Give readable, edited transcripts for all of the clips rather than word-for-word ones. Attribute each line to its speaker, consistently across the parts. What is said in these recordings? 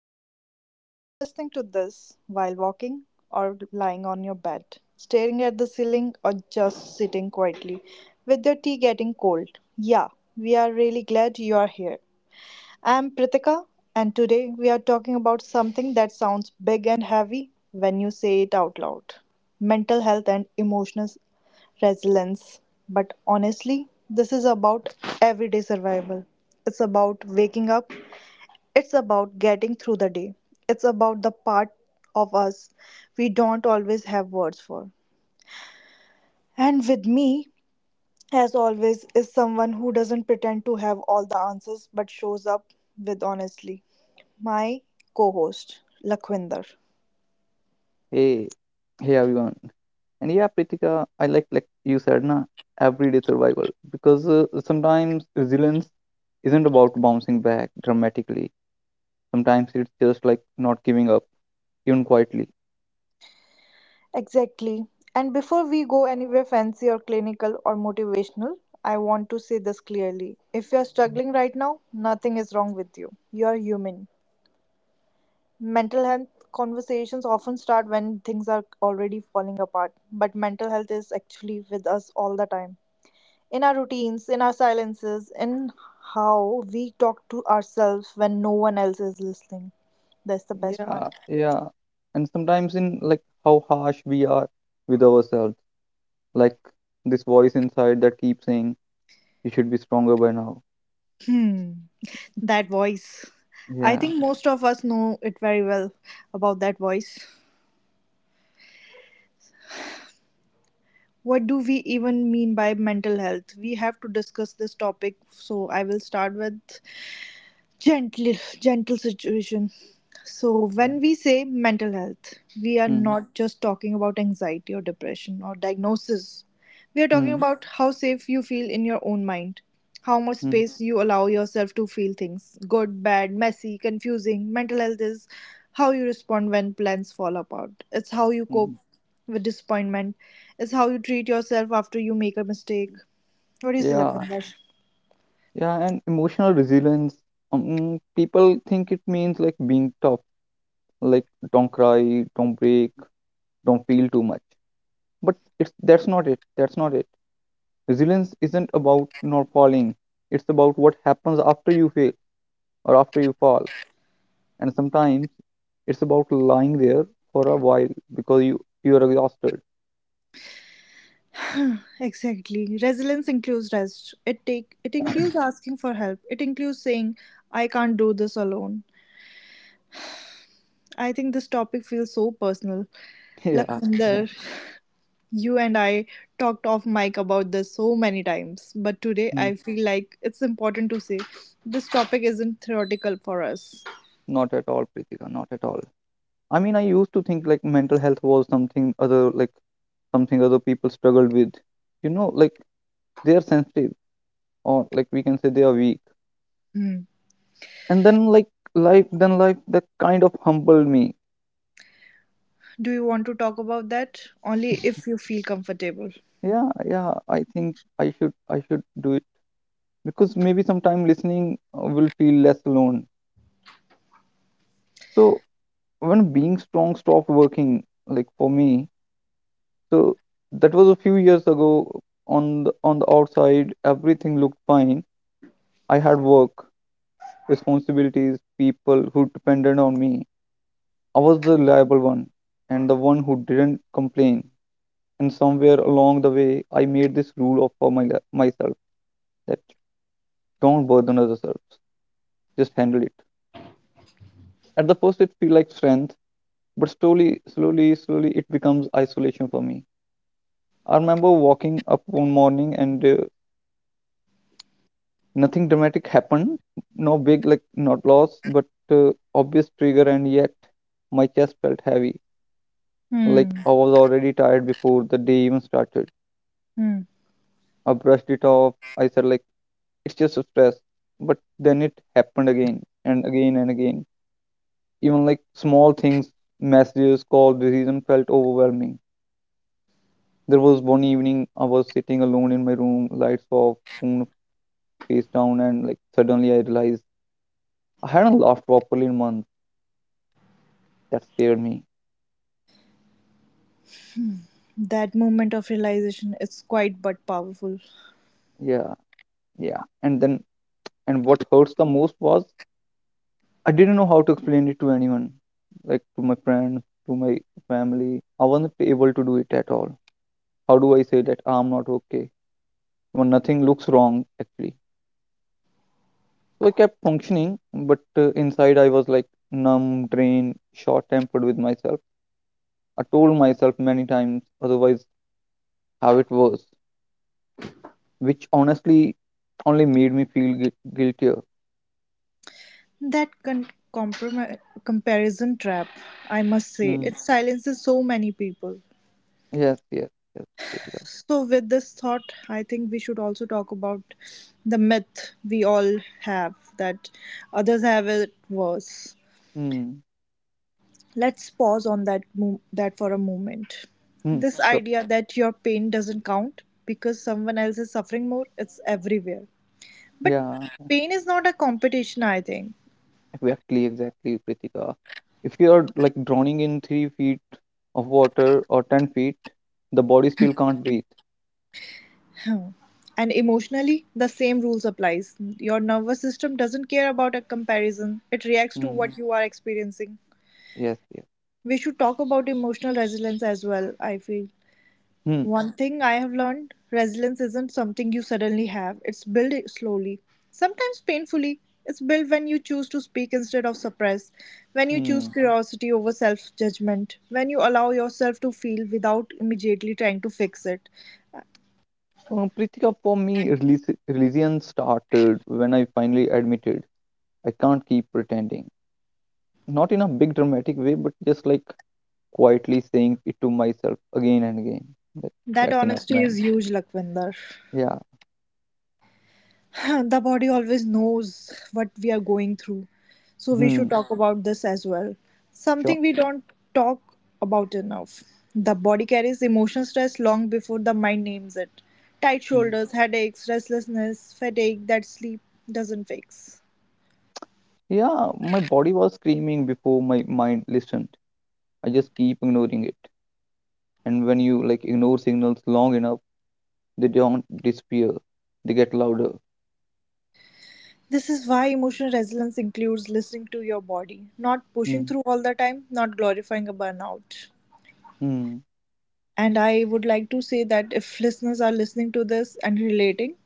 Speaker 1: podcast. If you're listening to this while walking or lying on your bed, staring at the ceiling, or just sitting quietly with your tea getting cold, yeah, we are really glad you are here. I'm Pritika, and today we are talking about something that sounds big and heavy when you say it out loud, mental health and emotional resilience. But honestly, this is about everyday survival. It's about waking up, it's about getting through the day. It's about the part of us we don't always have words for. And with me, as always, is someone who doesn't pretend to have all the answers but shows up with honestly. My co host, Lakhwinder.
Speaker 2: Hey, hey everyone. And yeah, Pritika, I like you said na everyday survival because sometimes resilience isn't about bouncing back dramatically. Sometimes it's just like not giving up even quietly.
Speaker 1: Exactly. And before we go anywhere fancy or clinical or motivational, I want to say this clearly. If you're struggling right now, nothing is wrong with you. You're human. Mental health conversations often start when things are already falling apart, but mental health is actually with us all the time. In our routines, in our silences, in how we talk to ourselves when no one else is listening. That's the best part.
Speaker 2: Yeah, yeah. And sometimes in like how harsh we are with ourselves, like this voice inside that keeps saying you should be stronger by now.
Speaker 1: Hmm, that voice. I
Speaker 2: Yeah,
Speaker 1: think most of us know it very well about that voice. What do we even mean by mental health? We have to discuss this topic, so I will start with gentle gentle situation. So
Speaker 2: yeah.
Speaker 1: when we say mental health, we are
Speaker 2: Mm,
Speaker 1: not just talking about anxiety or depression or diagnosis. We are talking
Speaker 2: mm,
Speaker 1: about how safe you feel in your own mind, how much
Speaker 2: mm,
Speaker 1: space you allow yourself to feel things, good, bad, messy, confusing. Mental health is how you respond when plans fall apart. It's how you cope
Speaker 2: mm.
Speaker 1: with disappointment. It's how you treat yourself after you make a mistake. What do you say,
Speaker 2: Yeah,
Speaker 1: Lakshman?
Speaker 2: yeah, and emotional resilience. People think it means like being tough, like don't cry, don't break, don't feel too much. But it's that's not it. That's not it. Resilience isn't about not falling. It's about what happens after you fail or after you fall. And sometimes it's about lying there for a while because you're exhausted.
Speaker 1: Exactly. Resilience includes rest. It includes asking for help. It includes saying, I can't do this alone. I think this topic feels so personal.
Speaker 2: yeah, yeah.
Speaker 1: Lakwinder, you and I talked off mic about this so many times, but today
Speaker 2: Hmm.
Speaker 1: I feel like it's important to say this topic isn't theoretical for us.
Speaker 2: Not at all, Pritika. Not at all. I mean, I used to think like mental health was something other, like something other people struggled with. You know, like they are sensitive, or like we can say they are weak.
Speaker 1: Hmm.
Speaker 2: And then like life that kind of humbled me.
Speaker 1: Do you want to talk about that? Only if you feel comfortable.
Speaker 2: Yeah, yeah. I think I should do it because maybe sometime listening will feel less alone. So when being strong stopped working, like for me, so that was a few years ago. On the outside, everything looked fine. I had work, responsibilities, people who depended on me. I was the reliable one and the one who didn't complain. And somewhere along the way, I made this rule of for my, li- myself that don't burden others, just handle it. At the first, it feel like strength, but slowly, slowly, slowly, it becomes isolation for me. I remember walking up one morning and nothing dramatic happened, no big like not loss, but obvious trigger, and yet my chest felt heavy.
Speaker 1: Hmm.
Speaker 2: Like I was already tired before the day even started.
Speaker 1: Hmm.
Speaker 2: I brushed it off. I said like it's just a stress. But then it happened again and again and again. Even like small things, messages, calls, decision felt overwhelming. There was one evening I was sitting alone in my room, lights off, phone face down, and like suddenly I realized I hadn't laughed properly in months. That scared me.
Speaker 1: That moment of realization is quite but powerful.
Speaker 2: Yeah, yeah. And then and what hurts the most was I didn't know how to explain it to anyone, like to my friends, to my family. I wasn't able to do it at all. How do I say that I'm not okay when nothing looks wrong actually? So I kept functioning, but inside I was like numb, drained, short tempered with myself. I told myself many times, otherwise, how it was, which honestly only made me feel guiltier.
Speaker 1: That comprom- comparison trap, I must say,
Speaker 2: Mm.
Speaker 1: it silences so many people.
Speaker 2: Yes, yes, yes, Pritika.
Speaker 1: So, with this thought, I think we should also talk about the myth we all have that others have it worse.
Speaker 2: Hmm.
Speaker 1: Let's pause on that for a moment.
Speaker 2: Hmm.
Speaker 1: This
Speaker 2: So,
Speaker 1: idea that your pain doesn't count because someone else is suffering more, it's everywhere. But
Speaker 2: yeah,
Speaker 1: pain is not a competition, I think.
Speaker 2: exactly, exactly, Kritika. If you are like drowning in 3 feet of water or 10 feet, the body still can't breathe.
Speaker 1: Hmm. And emotionally, the same rules applies. Your nervous system doesn't care about a comparison. It reacts to
Speaker 2: Mm.
Speaker 1: what you are experiencing.
Speaker 2: Yes, yes.
Speaker 1: We should talk about emotional resilience as well, I feel.
Speaker 2: Hmm.
Speaker 1: One thing I have learned, resilience isn't something you suddenly have, it's built slowly, sometimes painfully. It's built when you choose to speak instead of suppress, when you
Speaker 2: Hmm.
Speaker 1: choose curiosity over self judgment, when you allow yourself to feel without immediately trying to fix it.
Speaker 2: Pritika, for me, religion started when I finally admitted I can't keep pretending. Not in a big dramatic way, but just like quietly saying it to myself again and again. That,
Speaker 1: That
Speaker 2: that's enough,
Speaker 1: honesty
Speaker 2: man.
Speaker 1: is huge, Lakwinder.
Speaker 2: Yeah.
Speaker 1: The body always knows what we are going through. So we
Speaker 2: Hmm.
Speaker 1: should talk about this as well.
Speaker 2: Sure.
Speaker 1: Something we don't talk about enough. The body carries emotional stress long before the mind names it. Tight
Speaker 2: Hmm.
Speaker 1: shoulders, headaches, restlessness, fatigue that sleep doesn't fix.
Speaker 2: Yeah, my body was screaming before my mind listened. I just keep ignoring it. And when you like ignore signals long enough, they don't disappear. They get louder.
Speaker 1: This is why emotional resilience includes listening to your body, not pushing
Speaker 2: Hmm.
Speaker 1: through all the time, not glorifying a burnout.
Speaker 2: Hmm.
Speaker 1: And I would like to say that if listeners are listening to this and relating,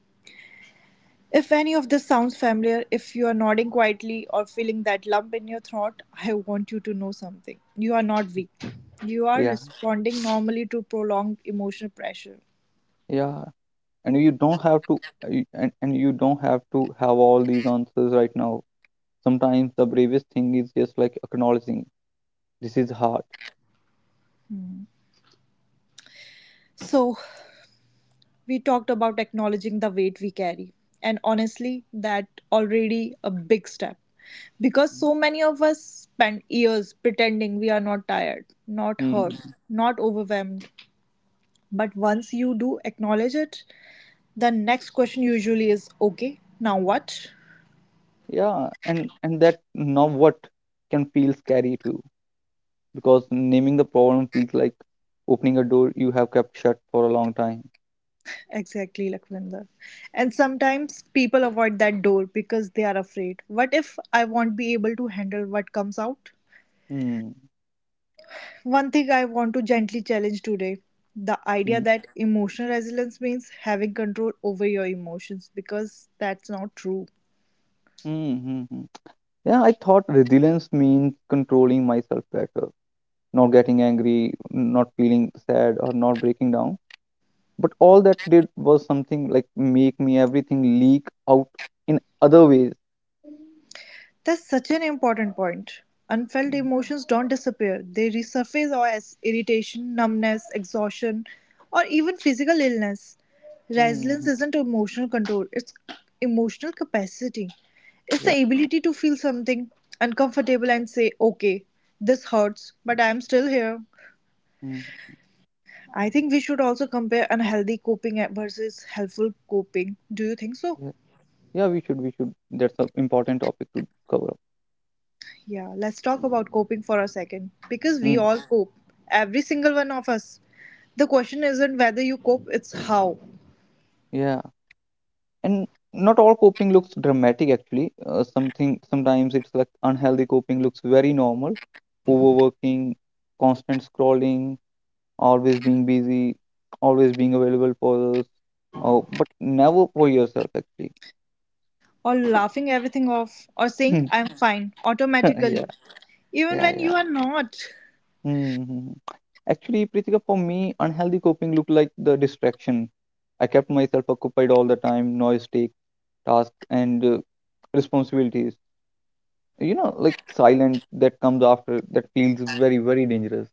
Speaker 1: if any of this sounds familiar, if you are nodding quietly or feeling that lump in your throat, I want you to know something. You are not weak. You are
Speaker 2: Yeah.
Speaker 1: responding normally to prolonged emotional pressure.
Speaker 2: Yeah. And you don't have to. And you don't have to have all these answers right now. Sometimes the bravest thing is just like acknowledging this is hard.
Speaker 1: So, we talked about acknowledging the weight we carry. And honestly, that already a big step. Because so many of us spend years pretending we are not tired, not hurt,
Speaker 2: Hmm.
Speaker 1: not overwhelmed. But once you do acknowledge it, the next question usually is, okay, now what?
Speaker 2: Yeah. And that now what can feel scary too, because naming the problem feels like opening a door you have kept shut for a long time.
Speaker 1: Exactly, Lakhvinder. And sometimes people avoid that door because they are afraid. What if I won't be able to handle what comes out?
Speaker 2: Hmm.
Speaker 1: One thing I want to gently challenge today, the idea
Speaker 2: Hmm.
Speaker 1: that emotional resilience means having control over your emotions, because that's not true.
Speaker 2: Mm-hmm. Yeah, I thought resilience means controlling myself better, not getting angry, not feeling sad, or not breaking down. But all that did was something like make me everything leak out in other ways.
Speaker 1: That's such an important point. Unfelt emotions don't disappear, they resurface or as irritation, numbness, exhaustion, or even physical illness. Resilience
Speaker 2: Mm-hmm.
Speaker 1: isn't emotional control, it's emotional capacity. It's
Speaker 2: Yeah.
Speaker 1: the ability to feel something uncomfortable and say, okay, this hurts, but I'm still here.
Speaker 2: Mm.
Speaker 1: I think we should also compare unhealthy coping versus helpful coping. Do you think so?
Speaker 2: Yeah. Yeah, we should. That's an important topic to cover up.
Speaker 1: Yeah, let's talk about coping for a second because we
Speaker 2: Mm.
Speaker 1: all cope, every single one of us. The question isn't whether you cope, it's how.
Speaker 2: Yeah. And not all coping looks dramatic actually. Something sometimes it's like unhealthy coping looks very normal. Overworking, constant scrolling, always being busy, always being available for others, oh, but never for yourself, actually.
Speaker 1: Or laughing everything off, or saying,
Speaker 2: Hmm.
Speaker 1: I'm fine,
Speaker 2: yeah,
Speaker 1: automatically, even
Speaker 2: yeah,
Speaker 1: when
Speaker 2: yeah.
Speaker 1: you are not.
Speaker 2: Mm-hmm. Actually, Pritika, for me, unhealthy coping looked like the distraction. I kept myself occupied all the time, noise take task and responsibilities. You know, like silent that comes after that feels very, very dangerous.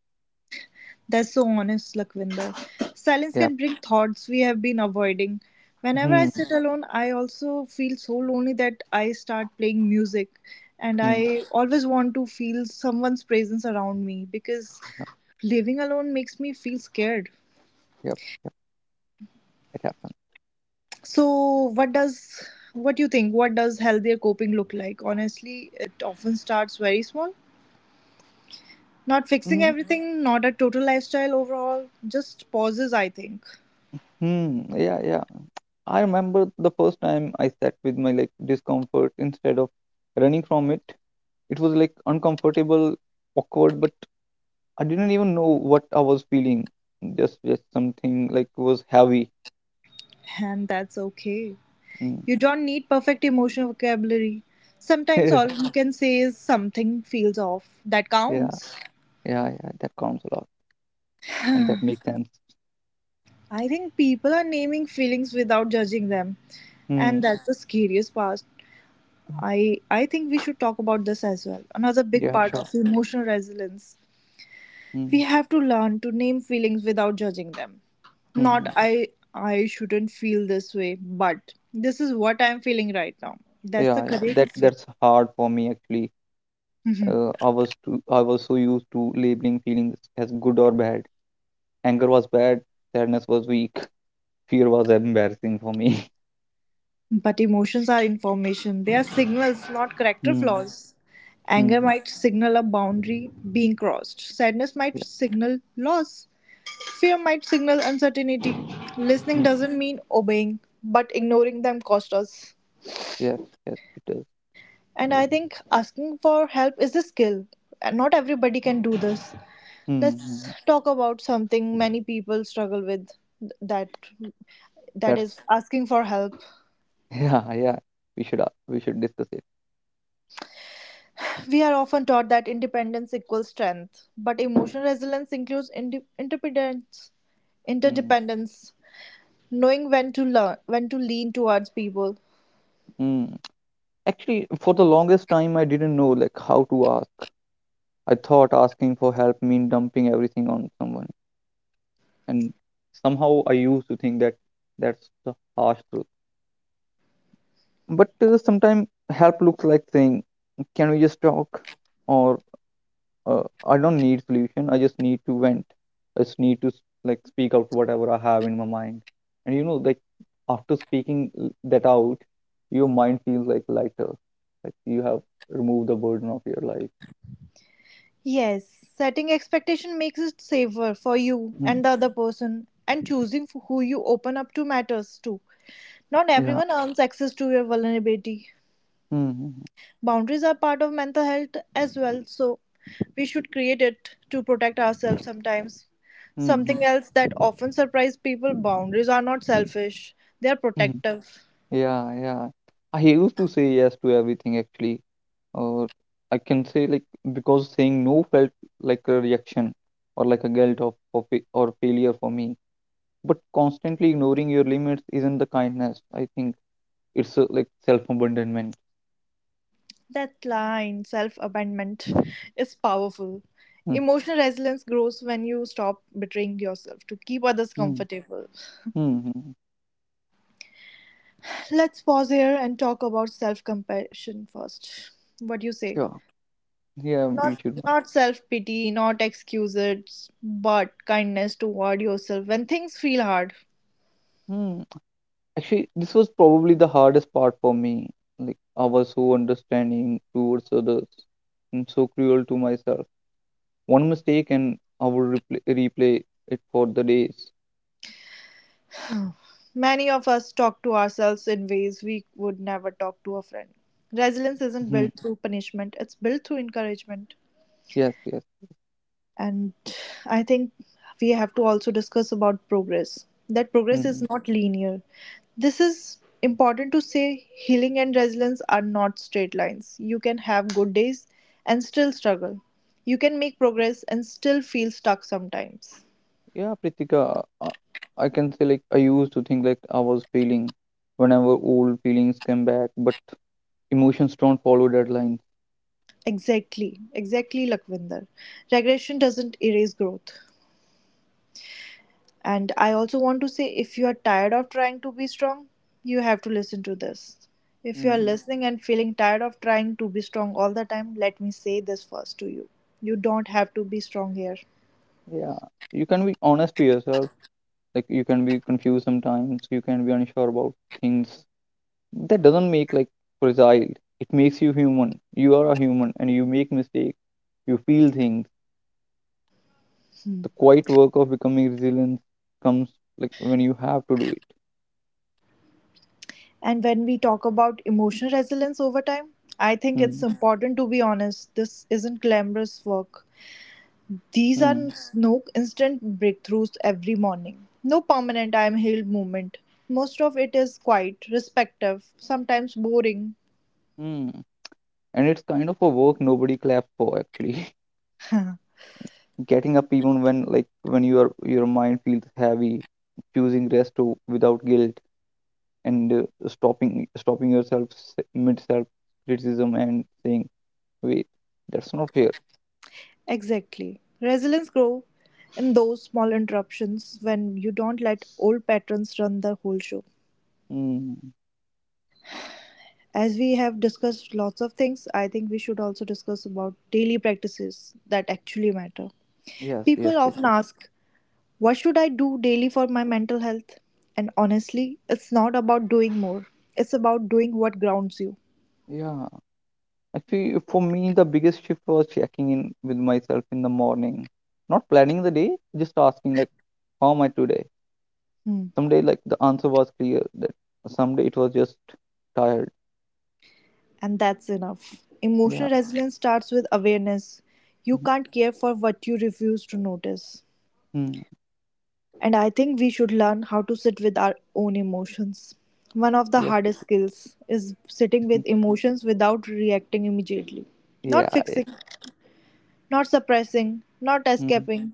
Speaker 1: That's so honest, Lakwinder. Silence
Speaker 2: Yeah.
Speaker 1: can bring thoughts we have been avoiding. Whenever I
Speaker 2: Hmm.
Speaker 1: sit alone, I also feel so lonely that I start playing music. And
Speaker 2: Hmm.
Speaker 1: I always want to feel someone's presence around me because
Speaker 2: Yep.
Speaker 1: living alone makes me feel scared.
Speaker 2: Yep. Yep. It happens.
Speaker 1: So, what does what do you think? What does healthier coping look like? Honestly, it often starts very small. Not fixing
Speaker 2: Hmm.
Speaker 1: everything, not a total lifestyle overhaul, just pauses, I think.
Speaker 2: Hmm. Yeah. Yeah. I remember the first time I sat with my like discomfort instead of running from it. It was like uncomfortable, awkward, but I didn't even know what I was feeling. Just something like was heavy.
Speaker 1: And that's okay.
Speaker 2: Mm.
Speaker 1: You don't need perfect emotional vocabulary. Sometimes all you can say is something feels off. That
Speaker 2: Yeah,
Speaker 1: counts.
Speaker 2: yeah, yeah, yeah. That counts a lot, and that makes sense.
Speaker 1: I think people are naming feelings without judging them,
Speaker 2: Mm.
Speaker 1: and that's the scariest part. I think we should talk about this as well. Another big
Speaker 2: Yeah,
Speaker 1: part
Speaker 2: sure.
Speaker 1: of emotional resilience. We
Speaker 2: Mm.
Speaker 1: have to learn to name feelings without judging them. Not
Speaker 2: Mm-hmm.
Speaker 1: I I shouldn't feel this way, but this is what I'm feeling right now. That's the
Speaker 2: Yeah, yeah. That
Speaker 1: correct way.
Speaker 2: that's hard for me actually. I was so used to labeling feelings as good or bad. Anger was bad, sadness was weak, fear was embarrassing for me.
Speaker 1: But emotions are information. They are signals, not character
Speaker 2: Hmm.
Speaker 1: flaws. Anger
Speaker 2: Hmm.
Speaker 1: might signal a boundary being crossed. Sadness might
Speaker 2: Yeah.
Speaker 1: signal loss. Fear might signal uncertainty. Listening
Speaker 2: Hmm.
Speaker 1: doesn't mean obeying, but ignoring them cost us.
Speaker 2: Yes. Yes. It does.
Speaker 1: And I think asking for help is a skill, and not everybody can do this.
Speaker 2: Hmm. Hmm.
Speaker 1: Let's
Speaker 2: Hmm.
Speaker 1: talk about something many people struggle with, that that is
Speaker 2: That's
Speaker 1: asking for help.
Speaker 2: yeah. Yeah. We should discuss it.
Speaker 1: We are often taught that independence equals strength, but emotional resilience includes
Speaker 2: Hmm.
Speaker 1: interdependence, knowing when to learn, when to lean towards people.
Speaker 2: Hmm. Actually, for the longest time, I didn't know like how to ask. I thought asking for help mean dumping everything on someone, and somehow I used to think that that's the harsh truth. But sometimes help looks like saying, "Can we just talk?" or I don't need solution. I just need to vent. I just need to like speak out whatever I have in my mind. And you know, like after speaking that out, your mind feels like lighter. Like you have removed the burden of your life.
Speaker 1: Yes, setting expectation makes it safer for you
Speaker 2: Mm,
Speaker 1: and the other person, and choosing who you open up to matters too. Not
Speaker 2: yeah.
Speaker 1: everyone earns access to your vulnerability.
Speaker 2: Mm-hmm.
Speaker 1: Boundaries are part of mental health as well, so we should create it to protect ourselves sometimes.
Speaker 2: Mm-hmm. Hmm.
Speaker 1: Something
Speaker 2: Hmm,
Speaker 1: else that often surprises people, boundaries are not selfish, they are
Speaker 2: hmm, hmm.
Speaker 1: protective.
Speaker 2: Yeah. Yeah. I used to say yes to everything actually, or I can say like because saying no felt like a reaction or like a guilt of, or failure for me. But constantly ignoring your limits isn't the kindness. I think it's like self abandonment.
Speaker 1: That line, self abandonment, is powerful. Emotional resilience grows when you stop betraying yourself to keep others
Speaker 2: Mm-hmm.
Speaker 1: comfortable.
Speaker 2: Mm-hmm.
Speaker 1: Let's pause here and talk about self compassion first. What do you say?
Speaker 2: Sure. Yeah, you
Speaker 1: Not
Speaker 2: should one.
Speaker 1: not self pity, not excuses, but kindness toward yourself when things feel hard.
Speaker 2: Hmm. Actually, this was probably the hardest part for me. Like, I was so understanding towards others and so cruel to myself. One mistake, and I would replay it for the days.
Speaker 1: Many of us talk to ourselves in ways we would never talk to a friend. Resilience
Speaker 2: Hmm.
Speaker 1: isn't built through punishment, it's built through encouragement.
Speaker 2: Yes, yes.
Speaker 1: And I think we have to also discuss about progress, that
Speaker 2: Hmm,
Speaker 1: progress is
Speaker 2: hmm.
Speaker 1: not linear. This is important to say, healing and resilience are not straight lines. You can have good days and still struggle. You can make progress and still feel stuck sometimes.
Speaker 2: Yeah, Pritika, I can say like I used to think like I was failing whenever old feelings came back, but emotions don't follow deadlines.
Speaker 1: Exactly, Lakwinder. Regression doesn't erase growth. And I also want to say, if you are tired of trying to be strong, you have to listen to this. If you are
Speaker 2: Mm,
Speaker 1: listening and feeling tired of trying to be strong all the time, let me say this first to you. You don't have to be strong here.
Speaker 2: yeah, you can be honest to yourself. Like you can be confused sometimes. You can be unsure about things. That doesn't make like fragile. It makes you human. You are a human, and you make mistakes. You feel things. The quiet work of becoming resilient comes like when you have to do it.
Speaker 1: And when we talk about emotional resilience over time, I think it's
Speaker 2: Mm,
Speaker 1: important to be honest. This isn't glamorous work. These are
Speaker 2: mm,
Speaker 1: no instant breakthroughs every morning. No permanent I am healed movement. Most of it is quiet, respective, sometimes boring.
Speaker 2: mm. And it's kind of a work nobody claps for actually. Getting up even when like when your mind feels heavy, choosing rest without guilt, and stopping yourself mid self criticism and saying wait, that's not fair.
Speaker 1: Exactly. Resilience grows in those small interruptions when you don't let old patterns run the whole show.
Speaker 2: Mm.
Speaker 1: As we have discussed lots of things, I think we should also discuss about daily practices that actually matter.
Speaker 2: Yes,
Speaker 1: People
Speaker 2: yes,
Speaker 1: often
Speaker 2: Pritika.
Speaker 1: ask, what should I do daily for my mental health? And honestly, it's not about doing more, it's about doing what grounds you.
Speaker 2: Yeah, actually for me the biggest shift was checking in with myself in the morning, not planning the day, just asking like how am I today.
Speaker 1: Hmm.
Speaker 2: Someday like the answer was clear that someday it was just tired.
Speaker 1: And that's enough.
Speaker 2: Yeah.
Speaker 1: Emotional resilience starts with awareness. You
Speaker 2: Mhm.
Speaker 1: can't care for what you refuse to notice.
Speaker 2: Mm.
Speaker 1: And I think we should learn how to sit with our own emotions. One of the
Speaker 2: Yes.
Speaker 1: hardest
Speaker 2: Preeti.
Speaker 1: skills is sitting with emotions without reacting immediately.
Speaker 2: Yeah.
Speaker 1: Not
Speaker 2: Yeah.
Speaker 1: fixing, not suppressing, not
Speaker 2: Mhm.
Speaker 1: escaping.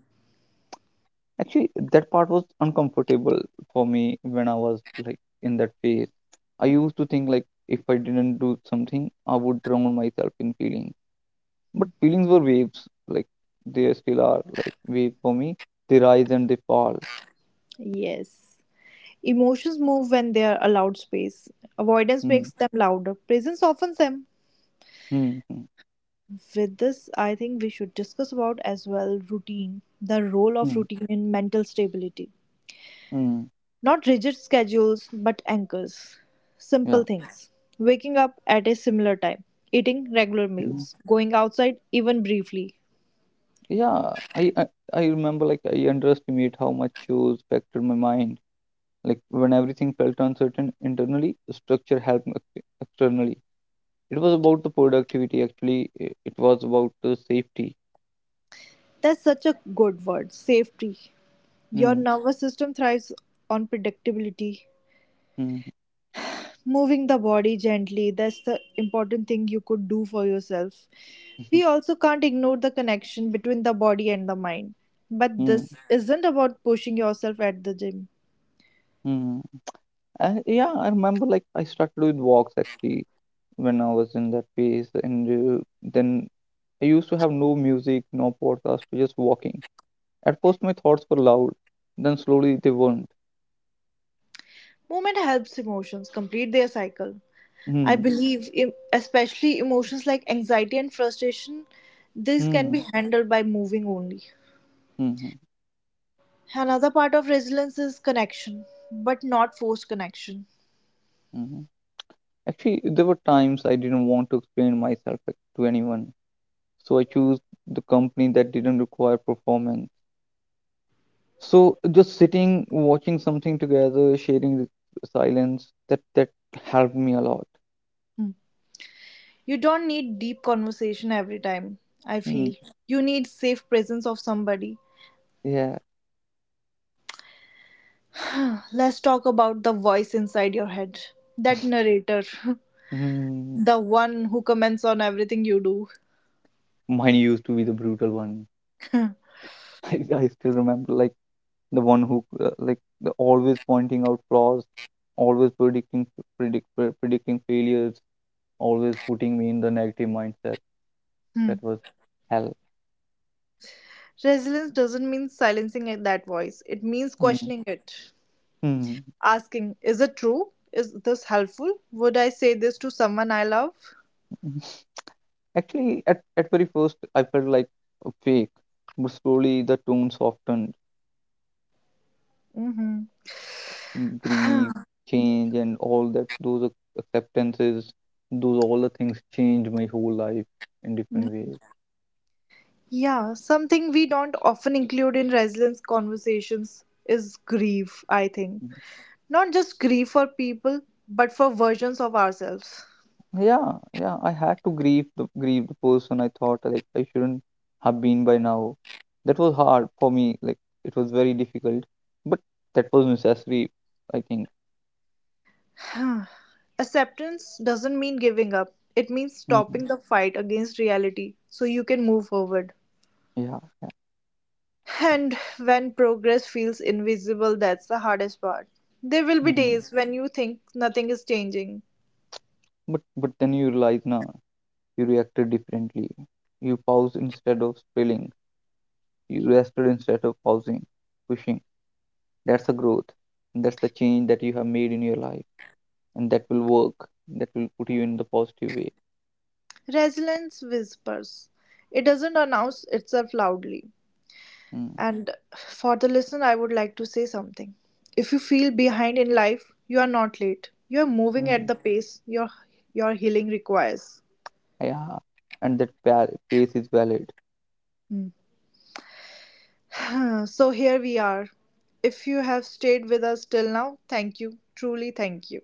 Speaker 2: Actually, that part was uncomfortable for me when I was like in that phase. I used to think like if I didn't do something, I would drown myself in feelings. But
Speaker 1: Hmm.
Speaker 2: feelings were waves. Like they still are like waves for me. They rise and they fall.
Speaker 1: Yes. Emotions move when they are allowed space. Avoidance
Speaker 2: Mm.
Speaker 1: makes them louder. Presence softens them.
Speaker 2: Mm. Mm.
Speaker 1: With this, I think we should discuss about as well routine, the role of
Speaker 2: Mm.
Speaker 1: routine in mental stability.
Speaker 2: Mm.
Speaker 1: Not rigid schedules, but anchors.
Speaker 2: Yeah.
Speaker 1: Simple things. Waking up at a similar time, eating regular
Speaker 2: Mhm.
Speaker 1: meals, going outside even briefly.
Speaker 2: Yeah. I remember like I underestimate how much shows affected my mind. Like when everything felt uncertain internally, structure helped externally. It was about the productivity actually. It was about the safety.
Speaker 1: That's such a good word, safety. Your
Speaker 2: Hmm.
Speaker 1: nervous system thrives on predictability.
Speaker 2: Hmm.
Speaker 1: Moving the body gently, that's the important thing you could do for yourself. We also can't ignore the connection between the body and the mind. But
Speaker 2: Hmm.
Speaker 1: this isn't about pushing yourself at the gym.
Speaker 2: Hmm. And yeah, I remember like I started with walks actually when I was in that phase, and then I used to have no music, no podcast, just walking. At first, my thoughts were loud, then slowly they weren't.
Speaker 1: Movement helps emotions complete their cycle. I
Speaker 2: Hmm.
Speaker 1: believe, especially emotions like anxiety and frustration, these can
Speaker 2: Hmm.
Speaker 1: be handled by moving only.
Speaker 2: Hmm. Hmm.
Speaker 1: Another part of resilience is connection, but not forced connection.
Speaker 2: Hmm. Actually, there were times I didn't want to explain myself like, to anyone, so I chose the company that didn't require performance. So just sitting, watching something together, sharing the silence, that that helped me a lot.
Speaker 1: Hmm. You don't need deep conversation every time, I
Speaker 2: Mm,
Speaker 1: feel. You need safe presence of somebody.
Speaker 2: yeah.
Speaker 1: Let's talk about the voice inside your head. That narrator,
Speaker 2: Mm.
Speaker 1: the one who comments on everything you do.
Speaker 2: Mine used to be the brutal one. I still remember, like the one who, like the always pointing out flaws, always predicting failures, always putting me in the negative mindset.
Speaker 1: Hmm.
Speaker 2: That was hell.
Speaker 1: Resilience doesn't mean silencing that voice, it means
Speaker 2: Mm.
Speaker 1: questioning it.
Speaker 2: Hmm.
Speaker 1: Asking, is it true? Is this helpful? Would I say this to someone I love?
Speaker 2: Actually, at very first, I felt like a fake, but slowly the tone softened.
Speaker 1: Hmm.
Speaker 2: Grief, change, and all that, those acceptances, those all the things changed my whole life in different ways.
Speaker 1: Yeah, something we don't often include in resilience conversations is grief, I think.
Speaker 2: Mhm.
Speaker 1: Not just grief for people, but for versions of ourselves.
Speaker 2: Yeah, yeah, I had to grieve the person I thought like I shouldn't have been by now. That was hard for me. Like it was very difficult, but that was necessary, I think.
Speaker 1: Acceptance doesn't mean giving up, it means
Speaker 2: Mhm.
Speaker 1: stopping the fight against reality so you can move forward.
Speaker 2: Yeah, yeah.
Speaker 1: And when progress feels invisible, that's the hardest part. There will be
Speaker 2: Mhm.
Speaker 1: days when you think nothing is changing.
Speaker 2: But then you realize now. You reacted differently. You paused instead of spilling. You rested instead of pushing. That's the growth. That's the change that you have made in your life. And that will work. That will put you in the positive way.
Speaker 1: Resilience whispers, it doesn't announce itself loudly.
Speaker 2: Mm.
Speaker 1: And for the listener, I would like to say something. If you feel behind in life, you are not late. You are moving at
Speaker 2: Mm.
Speaker 1: the pace your healing requires.
Speaker 2: Yeah. And that pace is valid.
Speaker 1: Hmm. So here we are. If you have stayed with us till now, thank you. Truly, thank you.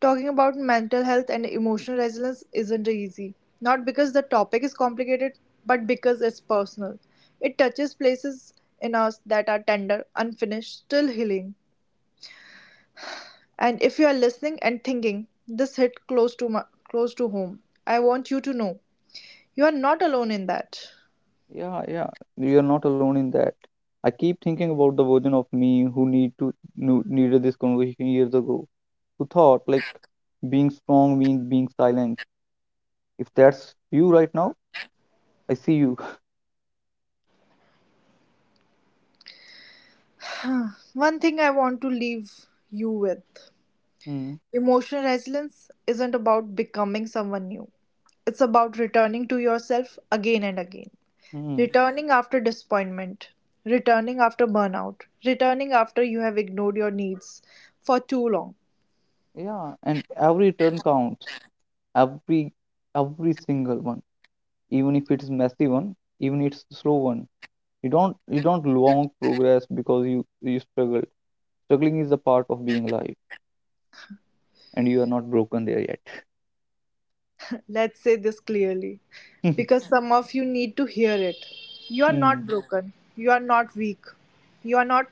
Speaker 1: Talking about mental health and emotional resilience isn't easy. Not because the topic is complicated, but because it's personal. It touches places in us that are tender, unfinished, still healing. And if you are listening and thinking, this hit close to my, close to home, I want you to know you are not alone in that.
Speaker 2: Yeah, yeah. You're not alone in that. I keep thinking about the version of me who needed this conversation years ago, who thought like being strong means being silent. If that's you right now, I see you.
Speaker 1: One thing I want to leave you with:
Speaker 2: Hmm.
Speaker 1: emotional resilience isn't about becoming someone new, it's about returning to yourself again and again.
Speaker 2: Hmm.
Speaker 1: Returning after disappointment, returning after burnout, returning after you have ignored your needs for too long.
Speaker 2: Yeah, and every turn counts. Every every single one, even if it's messy one, even it's slow one. You don't long progress because you struggle. Struggling is a part of being alive, and you are not broken there yet.
Speaker 1: Let's say this clearly because some of you need to hear it. You are
Speaker 2: Hmm.
Speaker 1: not broken, you are not weak, you are not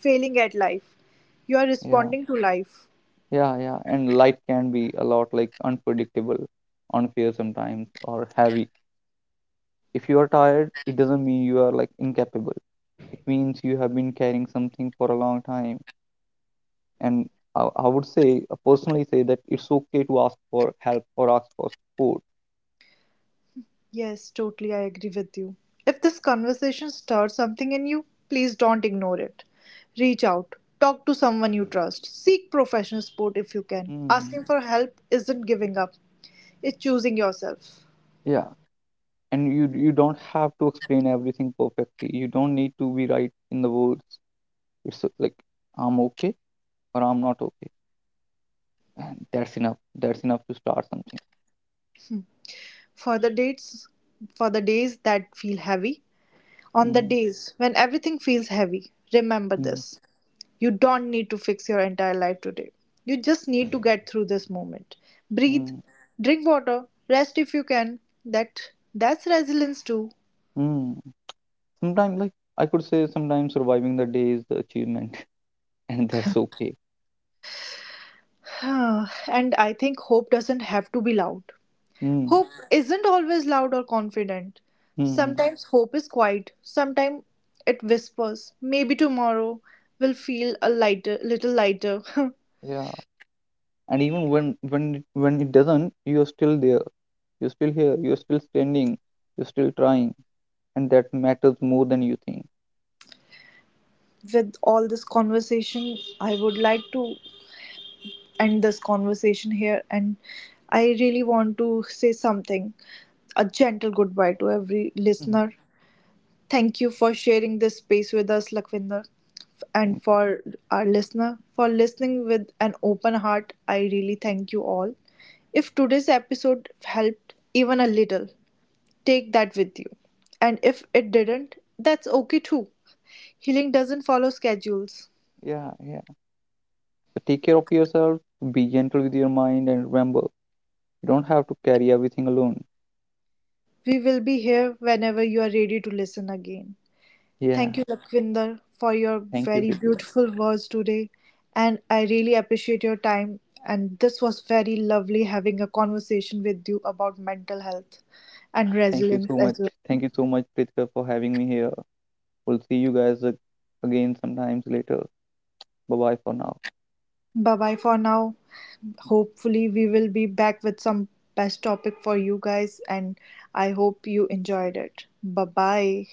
Speaker 1: failing at life, you are
Speaker 2: Yeah,
Speaker 1: responding to life.
Speaker 2: yeah, yeah. And life can be a lot like unpredictable, unfair sometimes, or heavy. If you are tired, it doesn't mean you are like incapable. It means you have been carrying something for a long time, and I would say personally say that it's okay to ask for help or ask for support.
Speaker 1: Yes, totally, I agree with you. If this conversation stirs something in you, please don't ignore it. Reach out, talk to someone you trust, seek professional support if you can.
Speaker 2: Mm.
Speaker 1: Asking for help isn't giving up, it's choosing yourself.
Speaker 2: Yeah, and you don't have to explain everything perfectly. You don't need to be right in the words. It's like I'm okay or I'm not okay, and that's enough. That's enough to start something.
Speaker 1: For the dates, for the days that feel heavy, on the
Speaker 2: Mm.
Speaker 1: days when everything feels heavy, remember
Speaker 2: Mm.
Speaker 1: this. You don't need to fix your entire life today. You just need to get through this moment. Breathe,
Speaker 2: Mm.
Speaker 1: drink water, rest if you can. That's resilience too.
Speaker 2: Mm. Sometimes like I could say sometimes surviving the day is the achievement. And that's okay.
Speaker 1: And I think hope doesn't have to be loud.
Speaker 2: Mm.
Speaker 1: Hope isn't always loud or confident.
Speaker 2: Mm.
Speaker 1: Sometimes hope is quiet. Sometimes it whispers. Maybe tomorrow will feel a lighter, little lighter.
Speaker 2: Yeah, and even when when it doesn't, you're still there. You're still here. You're still standing. You're still trying. And that matters more than you think.
Speaker 1: With all this conversation, I would like to end this conversation here. And I really want to say something, a gentle goodbye to every
Speaker 2: Mhm.
Speaker 1: listener. Thank you for sharing this space with us, Lakwinder,
Speaker 2: Mm,
Speaker 1: and for our listener for listening with an open heart. I really thank you all. If today's episode helped even a little, take that with you. And if it didn't, that's okay too. Healing doesn't follow schedules.
Speaker 2: yeah, yeah, so take care of yourself, be gentle with your mind and remember you don't have to carry everything alone.
Speaker 1: We will be here whenever you are ready to listen again.
Speaker 2: Yeah,
Speaker 1: Thank you, Lakwinder, for your
Speaker 2: thank you,
Speaker 1: very
Speaker 2: Pritika.
Speaker 1: beautiful words today. And I really appreciate your time. And this was very lovely having a conversation with you about mental health and
Speaker 2: Thank you
Speaker 1: resilience
Speaker 2: so
Speaker 1: as
Speaker 2: much.
Speaker 1: well.
Speaker 2: Thank you so much, Pritika, for having me here. We'll see you guys again sometimes later. Bye bye for now.
Speaker 1: Bye bye for now. Hopefully, we will be back with some best topic for you guys. And I hope you enjoyed it. Bye bye.